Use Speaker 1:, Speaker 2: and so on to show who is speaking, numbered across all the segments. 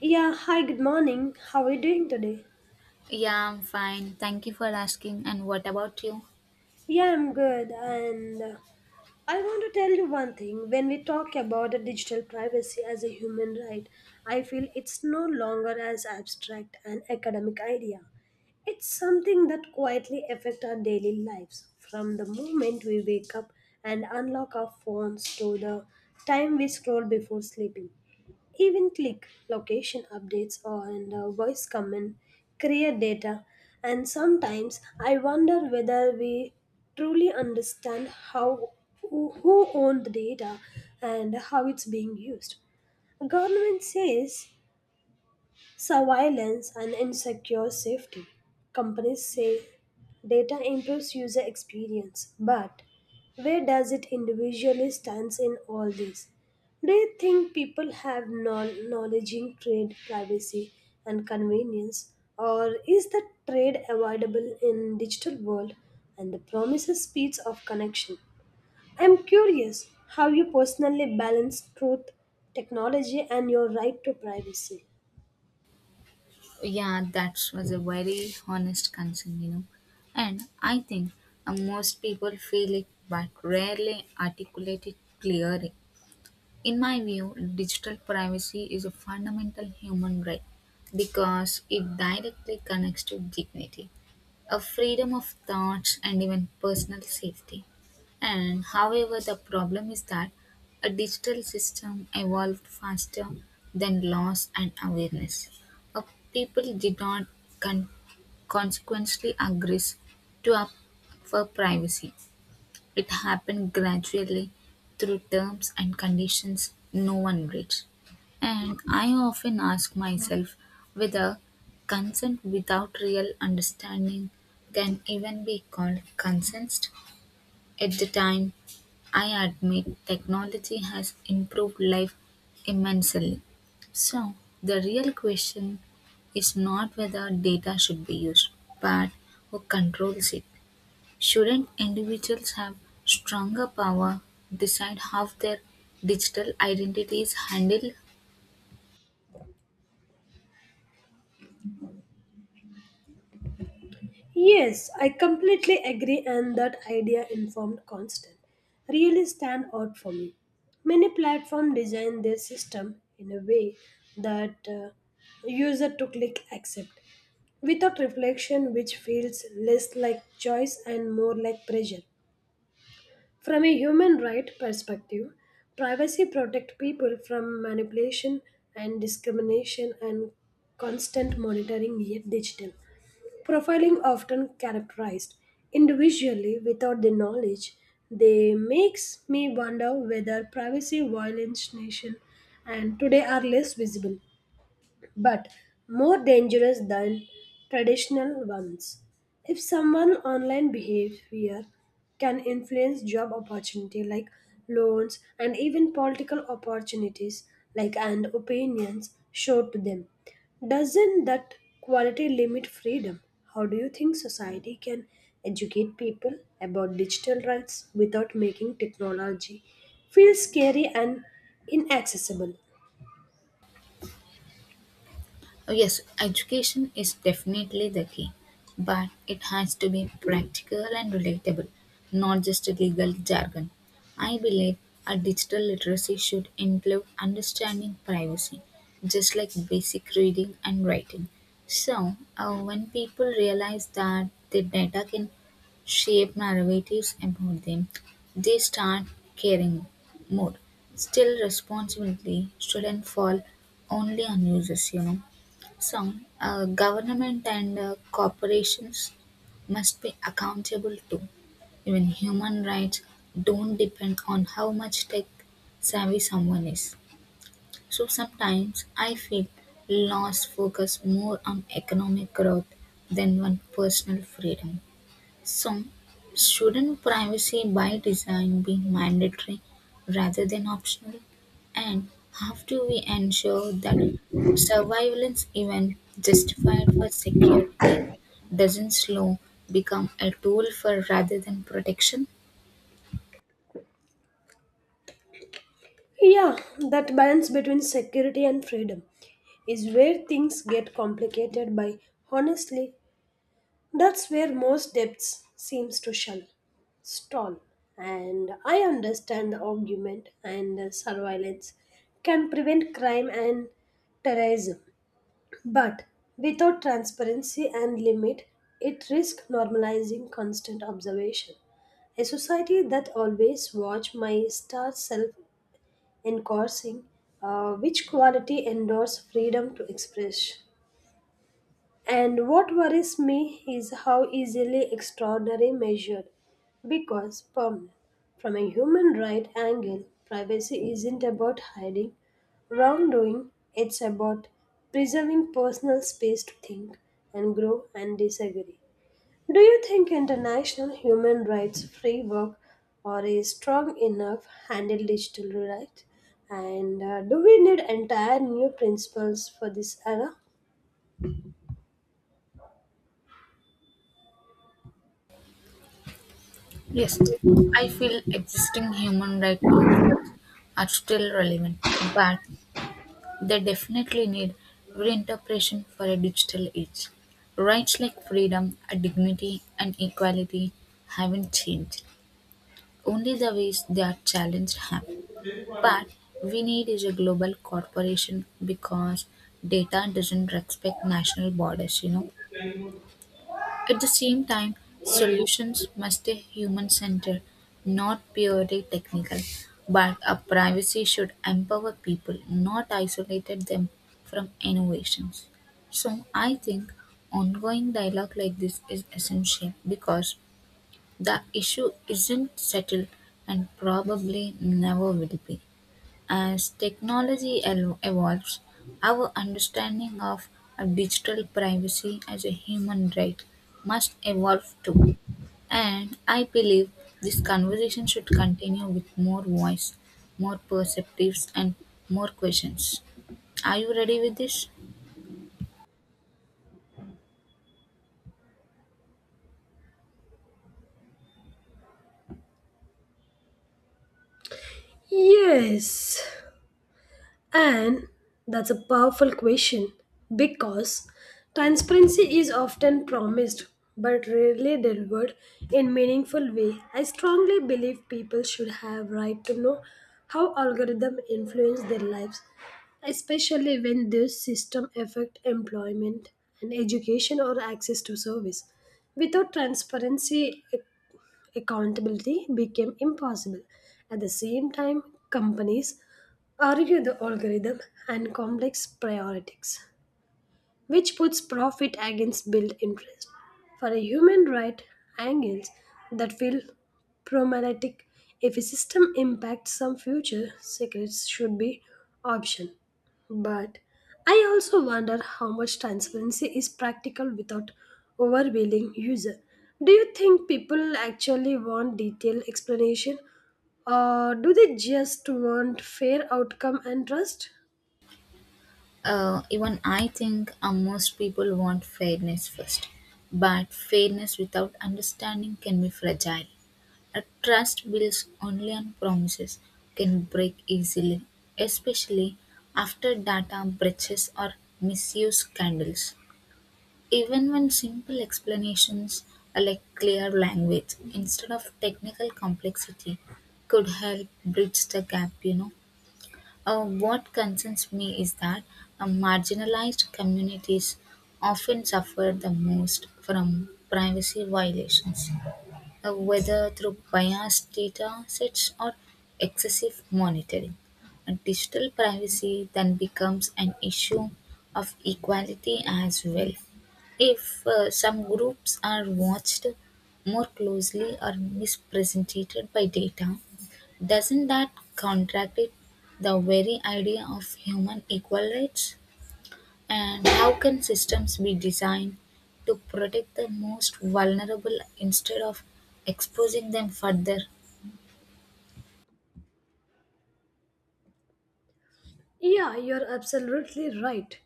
Speaker 1: Yeah, hi, good morning. How are you doing today?
Speaker 2: Yeah, I'm fine. Thank you for asking. And what about you?
Speaker 1: Yeah, I'm good. And I want to tell you one thing. When we talk about the digital privacy as a human right, I feel it's no longer as abstract an academic idea. It's something that quietly affects our daily lives from the moment we wake up and unlock our phones to the time we scroll before sleeping. Even click location updates or and voice command create data and sometimes I wonder whether we truly understand how who owned the data and how it's being used. Government says surveillance and insecure safety. Companies say data improves user experience, but where does it individually stands in all this? Do you think people have knowledge in trade privacy and convenience, or is the trade avoidable in digital world and the promises speeds of connection? I'm curious how you personally balance truth, technology, and your right to privacy.
Speaker 2: Yeah, that was a very honest concern, you know. And I think most people feel it but rarely articulate it clearly. In my view, digital privacy is a fundamental human right because it directly connects to dignity, a freedom of thoughts, and even personal safety. And however, the problem is that a digital system evolved faster than laws and awareness. Uh, People did not con- consequently agree to up for privacy it happened gradually, through terms and conditions no one reached. And I often ask myself whether consent without real understanding can even be called consent. At the time, I admit technology has improved life immensely. So, the real question is not whether data should be used, but who controls it. Shouldn't individuals have stronger power, decide how their digital identities handle.
Speaker 1: Yes, I completely agree, and that idea informed constant really stand out for me. Many platforms design their system in a way that user to click accept without reflection, which feels less like choice and more like pressure. From a human right perspective, privacy protects people from manipulation and discrimination and constant monitoring yet digital. Profiling often characterized individually without the knowledge they makes me wonder whether privacy violation and today are less visible but more dangerous than traditional ones. If someone online behavior can influence job opportunity like loans and even political opportunities like and opinions shown to them. Doesn't that quality limit freedom? How do you think society can educate people about digital rights without making technology feel scary and inaccessible?
Speaker 2: Yes, education is definitely the key, but it has to be practical and relatable, not just legal jargon. I believe a digital literacy should include understanding privacy, just like basic reading and writing. So, when people realize that the data can shape narratives about them, they start caring more. Still, responsibility shouldn't fall only on users, you know. Some government and corporations must be accountable too. Even human rights don't depend on how much tech savvy someone is. So sometimes I feel laws focus more on economic growth than on personal freedom. So, shouldn't privacy by design be mandatory rather than optional? And how do we ensure that surveillance, even justified for security, doesn't slow become a tool for rather than protection?
Speaker 1: Yeah, that balance between security and freedom is where things get complicated by honestly, that's where most depths seems to shun, stall. And I understand the argument and the surveillance can prevent crime and terrorism, but without transparency and limit, it risks normalizing constant observation. A society that always watch my star self encouraging, which quality endures freedom to express. And what worries me is how easily extraordinary measured because from a human right angle, privacy isn't about hiding wrongdoing, it's about preserving personal space to think and grow and disagree. Do you think international human rights framework or is strong enough handle digital rights? And Do we need entire new principles for this era?
Speaker 2: Yes, I feel existing human rights principles are still relevant, but they definitely need reinterpretation for a digital age. Rights like freedom, dignity, and equality haven't changed. Only the ways they are challenged have. But we need is a global corporation because data doesn't respect national borders, you know. At the same time, solutions must stay human-centered, not purely technical. But a privacy should empower people, not isolate them from innovations. So I think ongoing dialogue like this is essential because the issue isn't settled and probably never will be. As technology evolves, our understanding of a digital privacy as a human right must evolve too. And I believe this conversation should continue with more voice, more perspectives, and more questions. Are you ready with this?
Speaker 1: Yes, and that's a powerful question because transparency is often promised but rarely delivered in meaningful way. I strongly believe people should have right to know how algorithms influence their lives, especially when those systems affect employment and education or access to service. Without transparency, accountability became impossible. At the same time, companies argue the algorithm and complex priorities which puts profit against built interest. For a human right angles that feel problematic if a system impacts some future secrets should be option. But I also wonder how much transparency is practical without overwhelming user. Do you think people actually want detailed explanation or do they just want fair outcome and trust?
Speaker 2: Even I think most people want fairness first, but fairness without understanding can be fragile. A trust built only on promises can break easily, especially after data breaches or misuse scandals. Even when simple explanations like clear language instead of technical complexity could help bridge the gap, you know. What concerns me is that marginalized communities often suffer the most from privacy violations whether through biased data sets or excessive monitoring. And digital privacy then becomes an issue of equality as well. If some groups are watched more closely or misrepresented by data, doesn't that contradict the very idea of human equal rights? And how can systems be designed to protect the most vulnerable instead of exposing them further?
Speaker 1: Yeah, you're absolutely right.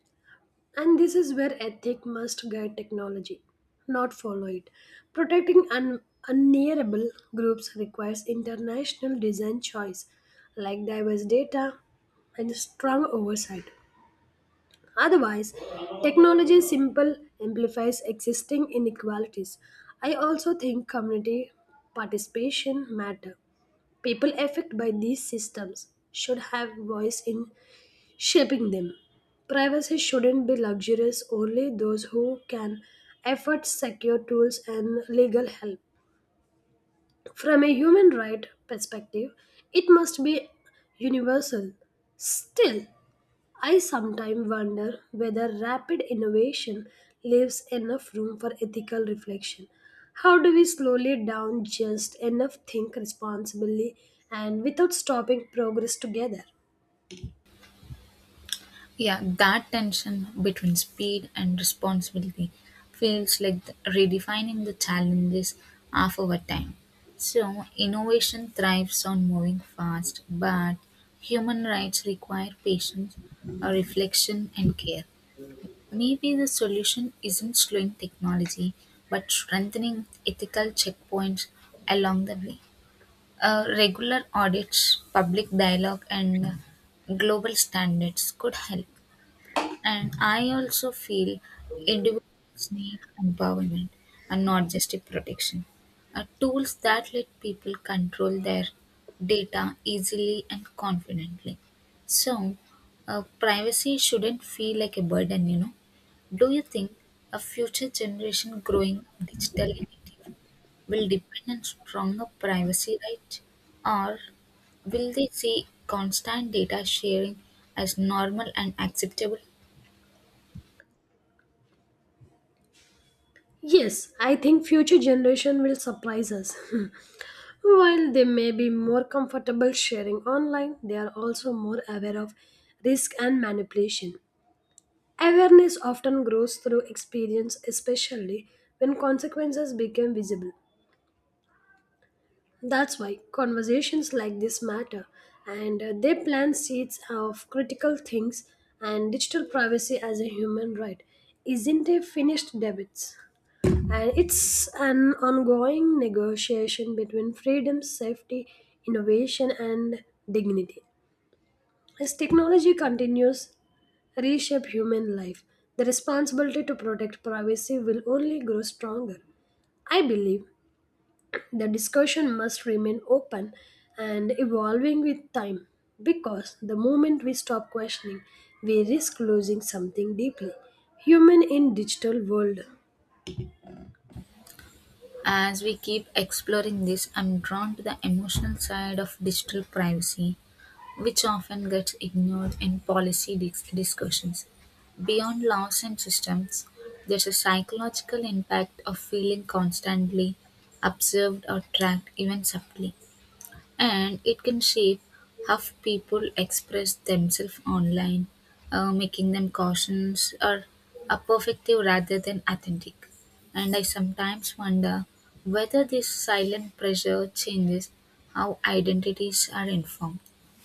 Speaker 1: And this is where ethic must guide technology, not follow it. Protecting unnearable groups requires international design choice, like diverse data and strong oversight. Otherwise, technology simple amplifies existing inequalities. I also think community participation matter. People affected by these systems should have voice in shaping them. Privacy shouldn't be luxurious, only those who can afford secure tools and legal help. From a human right perspective, it must be universal. Still, I sometimes wonder whether rapid innovation leaves enough room for ethical reflection. How do we slowly down just enough think responsibly and without stopping progress together?
Speaker 2: Yeah, that tension between speed and responsibility feels like redefining the challenges of our time. So, innovation thrives on moving fast, but human rights require patience, reflection, and care. Maybe the solution isn't slowing technology, but strengthening ethical checkpoints along the way. Regular audits, public dialogue, and global standards could help. And I also feel individuals need empowerment and not just a protection. Are tools that let people control their data easily and confidently. So, privacy shouldn't feel like a burden, you know. Do you think a future generation growing up digitally native will depend on stronger privacy rights, or will they see constant data sharing as normal and acceptable?
Speaker 1: Yes, I think future generation will surprise us. While they may be more comfortable sharing online, they are also more aware of risk and manipulation. Awareness often grows through experience, especially when consequences become visible. That's why conversations like this matter and they plant seeds of critical things and digital privacy as a human right isn't a finished debate. And it's an ongoing negotiation between freedom, safety, innovation, and dignity. As technology continues reshape human life, the responsibility to protect privacy will only grow stronger. I believe the discussion must remain open and evolving with time because the moment we stop questioning, we risk losing something deeply human in digital world.
Speaker 2: As we keep exploring this, I'm drawn to the emotional side of digital privacy, which often gets ignored in policy discussions. Beyond laws and systems, there's a psychological impact of feeling constantly observed or tracked, even subtly and it can shape how people express themselves online, making them cautious or apoplectic rather than authentic. And I sometimes wonder whether this silent pressure changes how identities are informed,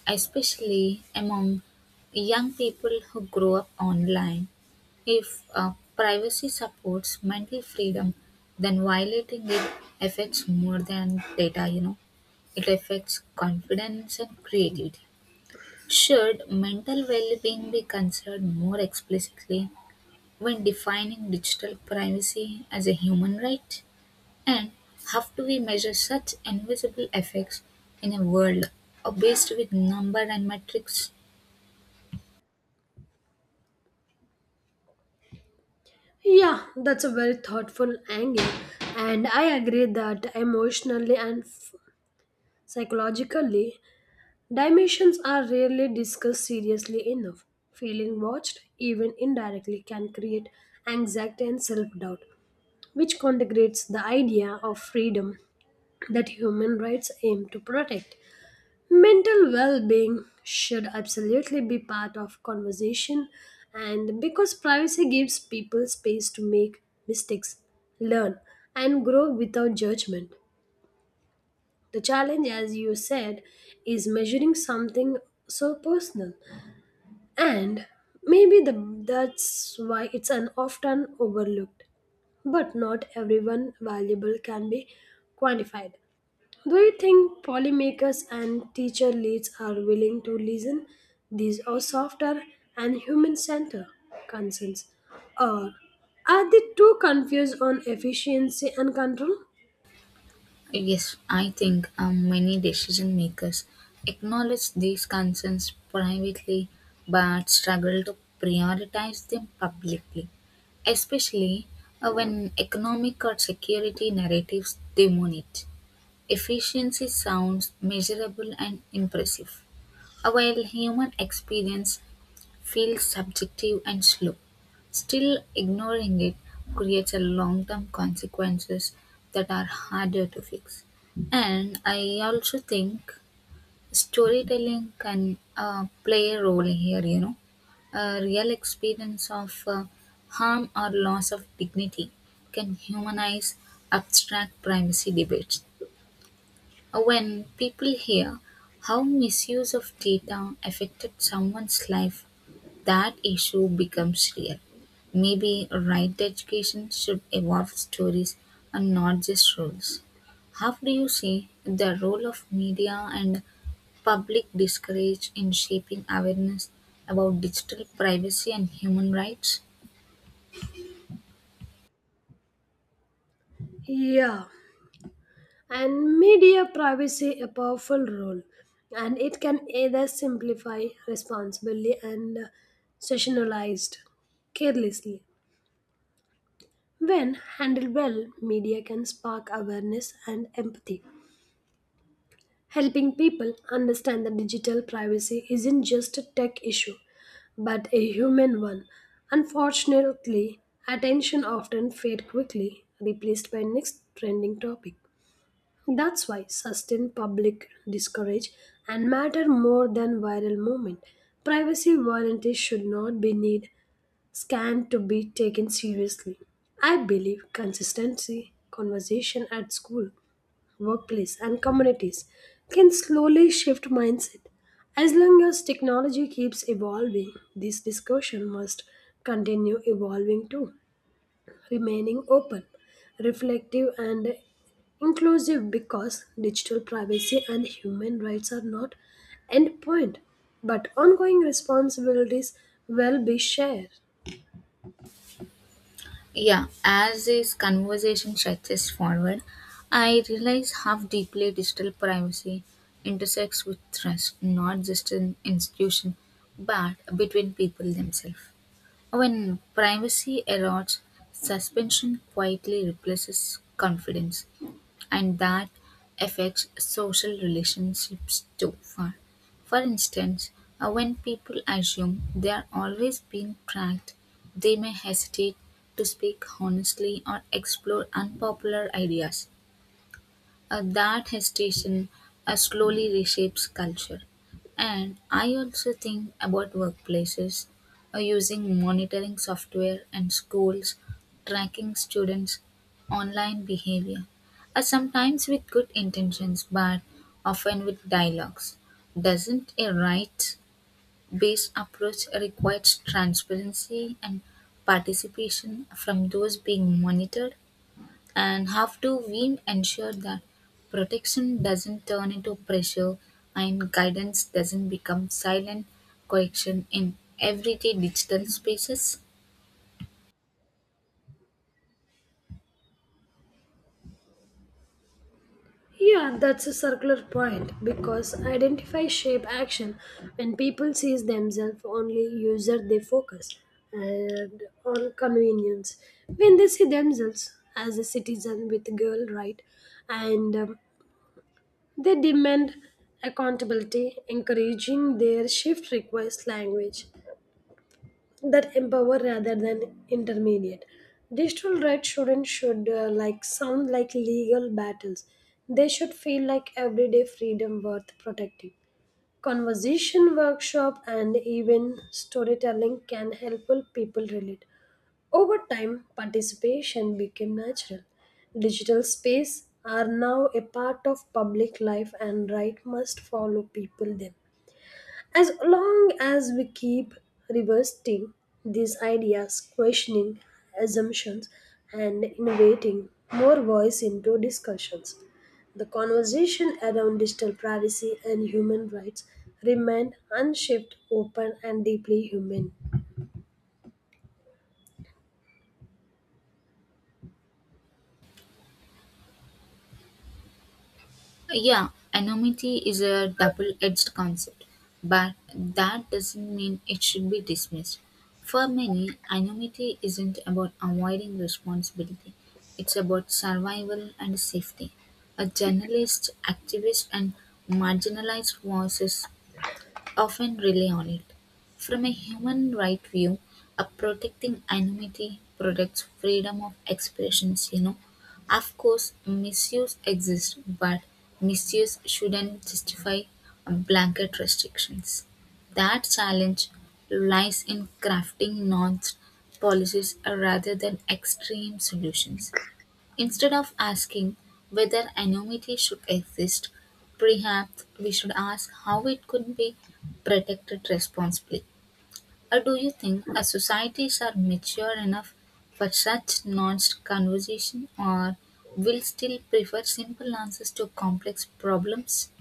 Speaker 2: especially among young people who grow up online. If privacy supports mental freedom, then violating it affects more than data, you know. It affects confidence and creativity. Should mental well being be considered more explicitly when defining digital privacy as a human right? And how do we measure such invisible effects in a world obsessed with number and metrics?
Speaker 1: Yeah, that's a very thoughtful angle, and I agree that emotionally and psychologically, dimensions are rarely discussed seriously enough. Feeling watched, even indirectly, can create anxiety and self doubt, which contradicts the idea of freedom that human rights aim to protect. Mental well being should absolutely be part of conversation, and because privacy gives people space to make mistakes, learn, and grow without judgment, the challenge, as you said, is measuring something so personal. And that's why it's an often overlooked. But not everyone valuable can be quantified. Do you think polymakers and teacher leads are willing to listen these are softer and human centered concerns? Or are they too confused on efficiency and control?
Speaker 2: Yes, I think many decision makers acknowledge these concerns privately but struggle to prioritize them publicly, especially when economic or security narratives dominate. Efficiency sounds measurable and impressive, while human experience feels subjective and slow. Still, ignoring it creates a long-term consequences that are harder to fix. And I also think storytelling can play a role here, you know. A real experience of harm or loss of dignity can humanize abstract privacy debates. When people hear how misuse of data affected someone's life, that issue becomes real. Maybe right education should evolve stories and not just rules. How do you see the role of media and public discourage in shaping awareness about digital privacy and human rights?
Speaker 1: Yeah, and media privacy a powerful role and it can either simplify responsibly and sessionalized carelessly when handled well media can spark awareness and empathy helping people understand that digital privacy isn't just a tech issue but a human one unfortunately attention often fades quickly replaced by next trending topic. That's why sustained public discourage and matter more than viral movement. Privacy warranties should not be need scanned to be taken seriously. I believe consistency, conversation at school, workplace and communities can slowly shift mindset. As long as technology keeps evolving, this discussion must continue evolving too remaining open, reflective, and inclusive because digital privacy and human rights are not endpoint, but ongoing responsibilities will be shared.
Speaker 2: Yeah, as this conversation stretches forward, I realize how deeply digital privacy intersects with trust, not just in institution, but between people themselves. When privacy erodes, suspension quietly replaces confidence and that affects social relationships too. For instance, when people assume they are always being tracked, they may hesitate to speak honestly or explore unpopular ideas. That hesitation slowly reshapes culture. And I also think about workplaces using monitoring software and schools tracking students' online behavior, sometimes with good intentions but often with dialogues. Doesn't a rights based approach requires transparency and participation from those being monitored? And have to we ensure that protection doesn't turn into pressure and guidance doesn't become silent correction in everyday digital spaces.
Speaker 1: Yeah, that's a circular point because identify shape action when people sees themselves only user they focus and on convenience when they see themselves as a citizen with girl right and they demand accountability, encouraging their shift requires language that empower rather than intermediate. Digital rights shouldn't should like sound like legal battles. They should feel like everyday freedom worth protecting. Conversation workshop and even storytelling can help people relate. Over time, participation became natural. Digital space are now a part of public life and right must follow people them. As long as we keep reversing these ideas, questioning assumptions and innovating more voice into discussions, the conversation around digital privacy and human rights remain unshaped, open and deeply human.
Speaker 2: Yeah, anonymity is a double-edged concept, but that doesn't mean it should be dismissed. For many anonymity isn't about avoiding responsibility, it's about survival and safety. A journalist activist and marginalized voices often rely on it. From a human right view, a protecting anonymity protects freedom of expressions, you know. Of course, misuse exists, but misuse shouldn't justify blanket restrictions. That challenge lies in crafting nuanced policies rather than extreme solutions. Instead of asking whether anonymity should exist, perhaps we should ask how it could be protected responsibly. Or do you think our societies are mature enough for such nuanced conversation or will still prefer simple answers to complex problems?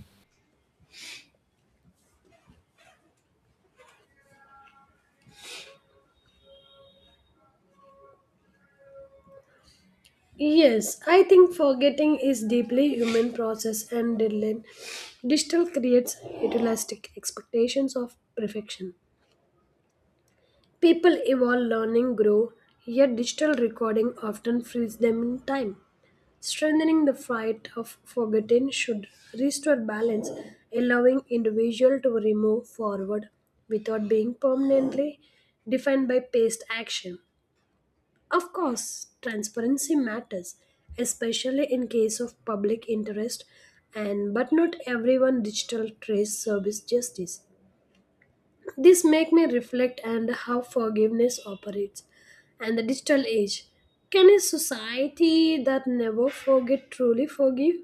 Speaker 1: Yes, I think forgetting is deeply human process and deadline. Digital creates idealistic expectations of perfection. People evolve, learning, grow, yet digital recording often frees them in time. Strengthening the fight of forgetting should restore balance, allowing individual to remove forward without being permanently defined by past action. Of course, transparency matters, especially in case of public interest and but not everyone digital trace service justice. This make me reflect on how forgiveness operates and the digital age. Can a society that never forget truly forgive?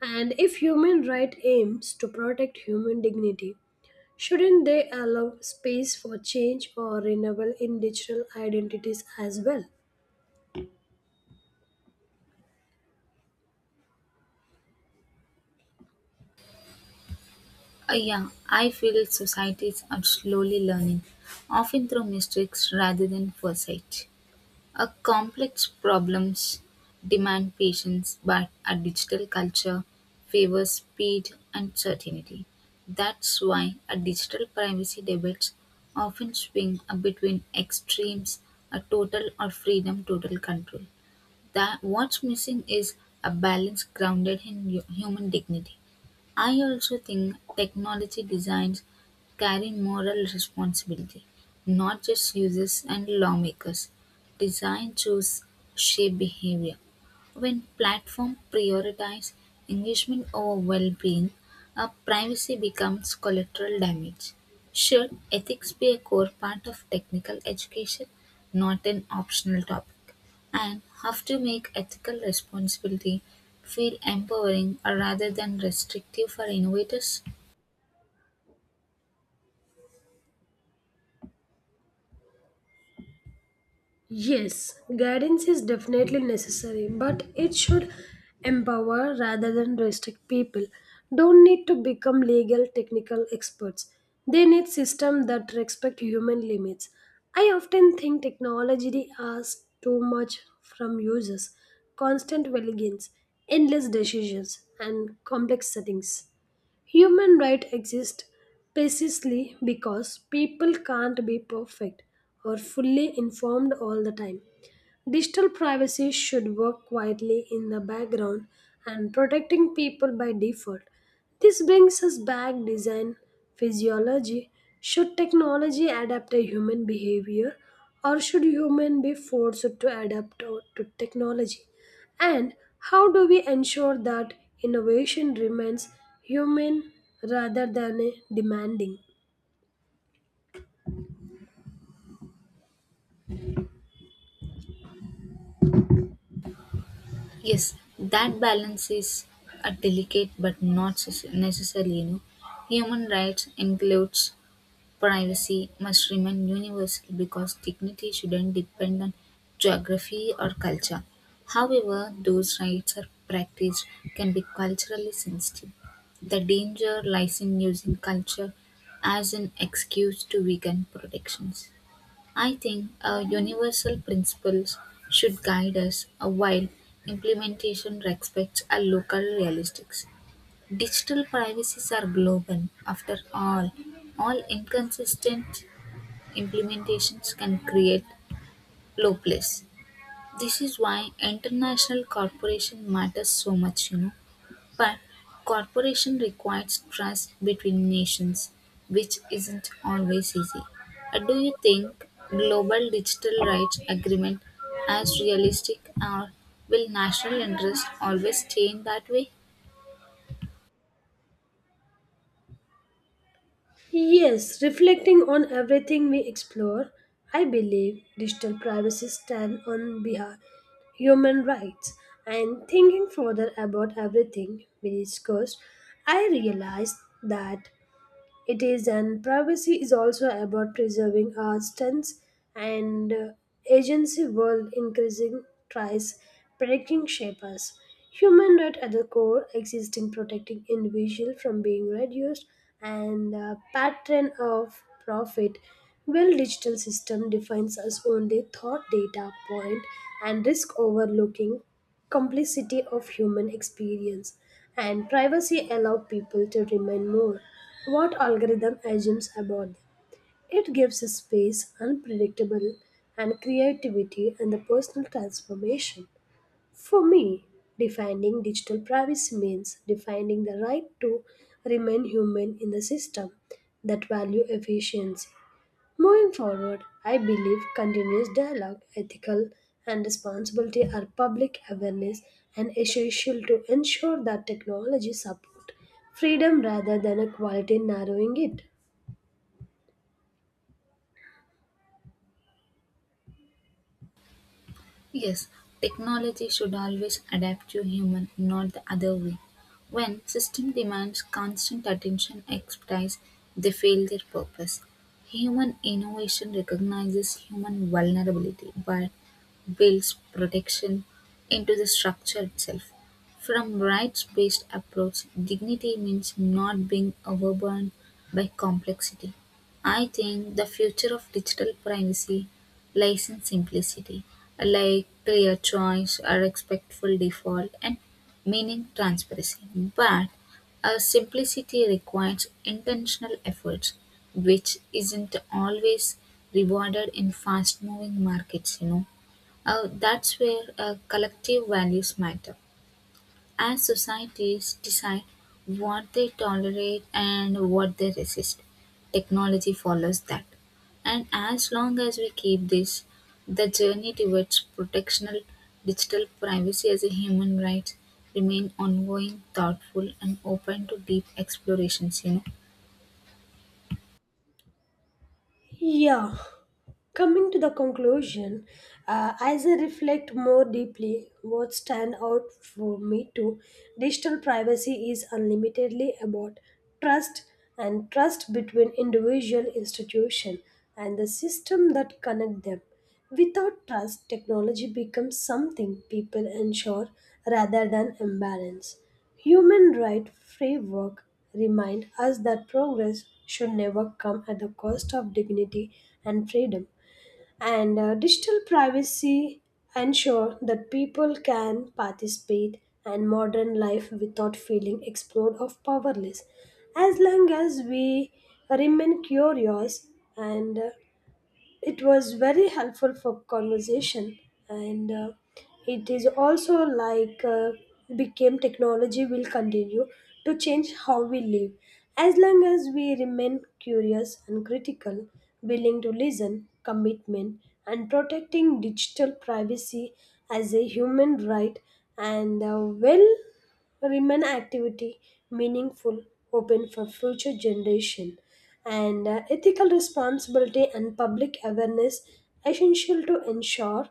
Speaker 1: And if human right aims to protect human dignity, shouldn't they allow space for change or renewal in digital identities as well?
Speaker 2: Yeah, I feel societies are slowly learning, often through mistakes rather than foresight. A complex problems demand patience, but our digital culture favors speed and certainty. That's why our digital privacy debates often swing between extremes, a total or freedom, total control. That what's missing is a balance grounded in human dignity. I also think technology designs carry moral responsibility, not just users and lawmakers. Design choices shape behavior, when platforms prioritize engagement over well-being, privacy becomes collateral damage. Should ethics be a core part of technical education, not an optional topic? And how to make ethical responsibility feel empowering rather than restrictive for innovators?
Speaker 1: Yes, guidance is definitely necessary, but it should empower rather than restrict people. Don't need to become legal technical experts. They need systems that respect human limits. I often think technology asks too much from users. Constant vigilance, endless decisions, and complex settings. Human rights exist precisely because people can't be perfect or fully informed all the time. Digital privacy should work quietly in the background and protecting people by default. This brings us back design physiology. Should technology adapt a human behavior or should human be forced to adapt to technology? And how do we ensure that innovation remains human rather than demanding?
Speaker 2: Yes, that balance is a delicate but not necessarily you know. Human rights includes privacy must remain universal because dignity shouldn't depend on geography or culture. However, those rights are practiced can be culturally sensitive. The danger lies in using culture as an excuse to weaken protections. I think our universal principles should guide us while implementation respects our local realistics. Digital privacies are global, after all inconsistent implementations can create loopholes. This is why international cooperation matters so much, you know. But cooperation requires trust between nations, which isn't always easy. Do you think global digital rights agreement as realistic or will national interest always stay in that way?
Speaker 1: Yes, reflecting on everything we explore, I believe digital privacy stands on behalf human rights and thinking further about everything we discussed, I realized that it is, and privacy is also about preserving our stance and agency world increasing tries predicting shapers. Human right at the core existing protecting individual from being reduced and the pattern of profit. Well, digital system defines us only thought data point and risk overlooking complicity of human experience and privacy allow people to remain more what algorithm assumes about them it gives a space unpredictable and creativity and the personal transformation for me defining digital privacy means defining the right to remain human in the system that value efficiency. Moving forward, I believe continuous dialogue, ethical and responsibility are public awareness and essential to ensure that technology support freedom rather than equality narrowing it.
Speaker 2: Yes, technology should always adapt to human, not the other way. When system demands constant attention expertise, they fail their purpose. Human innovation recognizes human vulnerability but builds protection into the structure itself. From rights-based approach, dignity means not being overburdened by complexity. I think the future of digital privacy lies in simplicity, like clear choice, a respectful default, and meaning transparency. But a simplicity requires intentional efforts, which isn't always rewarded in fast moving markets, you know. That's where collective values matter. As societies decide what they tolerate and what they resist, technology follows that. And as long as we keep this, the journey towards protectional digital privacy as a human right remain ongoing, thoughtful, and open to deep explorations. You know.
Speaker 1: Yeah, coming to the conclusion, as I reflect more deeply, what stand out for me to digital privacy is unlimitedly about trust and trust between individual institution and the system that connect them. Without trust, technology becomes something people ensure rather than imbalance. Human rights framework remind us that progress should never come at the cost of dignity and freedom. And Digital privacy ensure that people can participate in modern life without feeling explored or powerless. As long as we remain curious and it was very helpful for conversation, and it is also like became technology will continue to change how we live as long as we remain curious and critical, willing to listen, commitment, and protecting digital privacy as a human right and well remain activity meaningful, open for future generation, and ethical responsibility and public awareness essential to ensure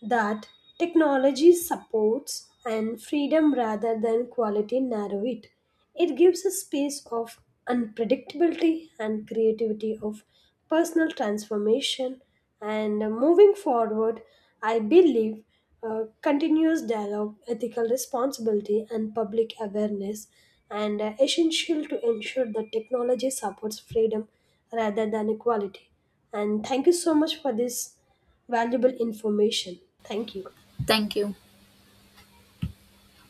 Speaker 1: that technology supports and freedom rather than quality narrow it. It gives a space of unpredictability and creativity of personal transformation. And Moving forward, I believe continuous dialogue, ethical responsibility, and public awareness and essential to ensure that technology supports freedom rather than equality. And thank you so much for this valuable information. Thank you.
Speaker 2: Thank you.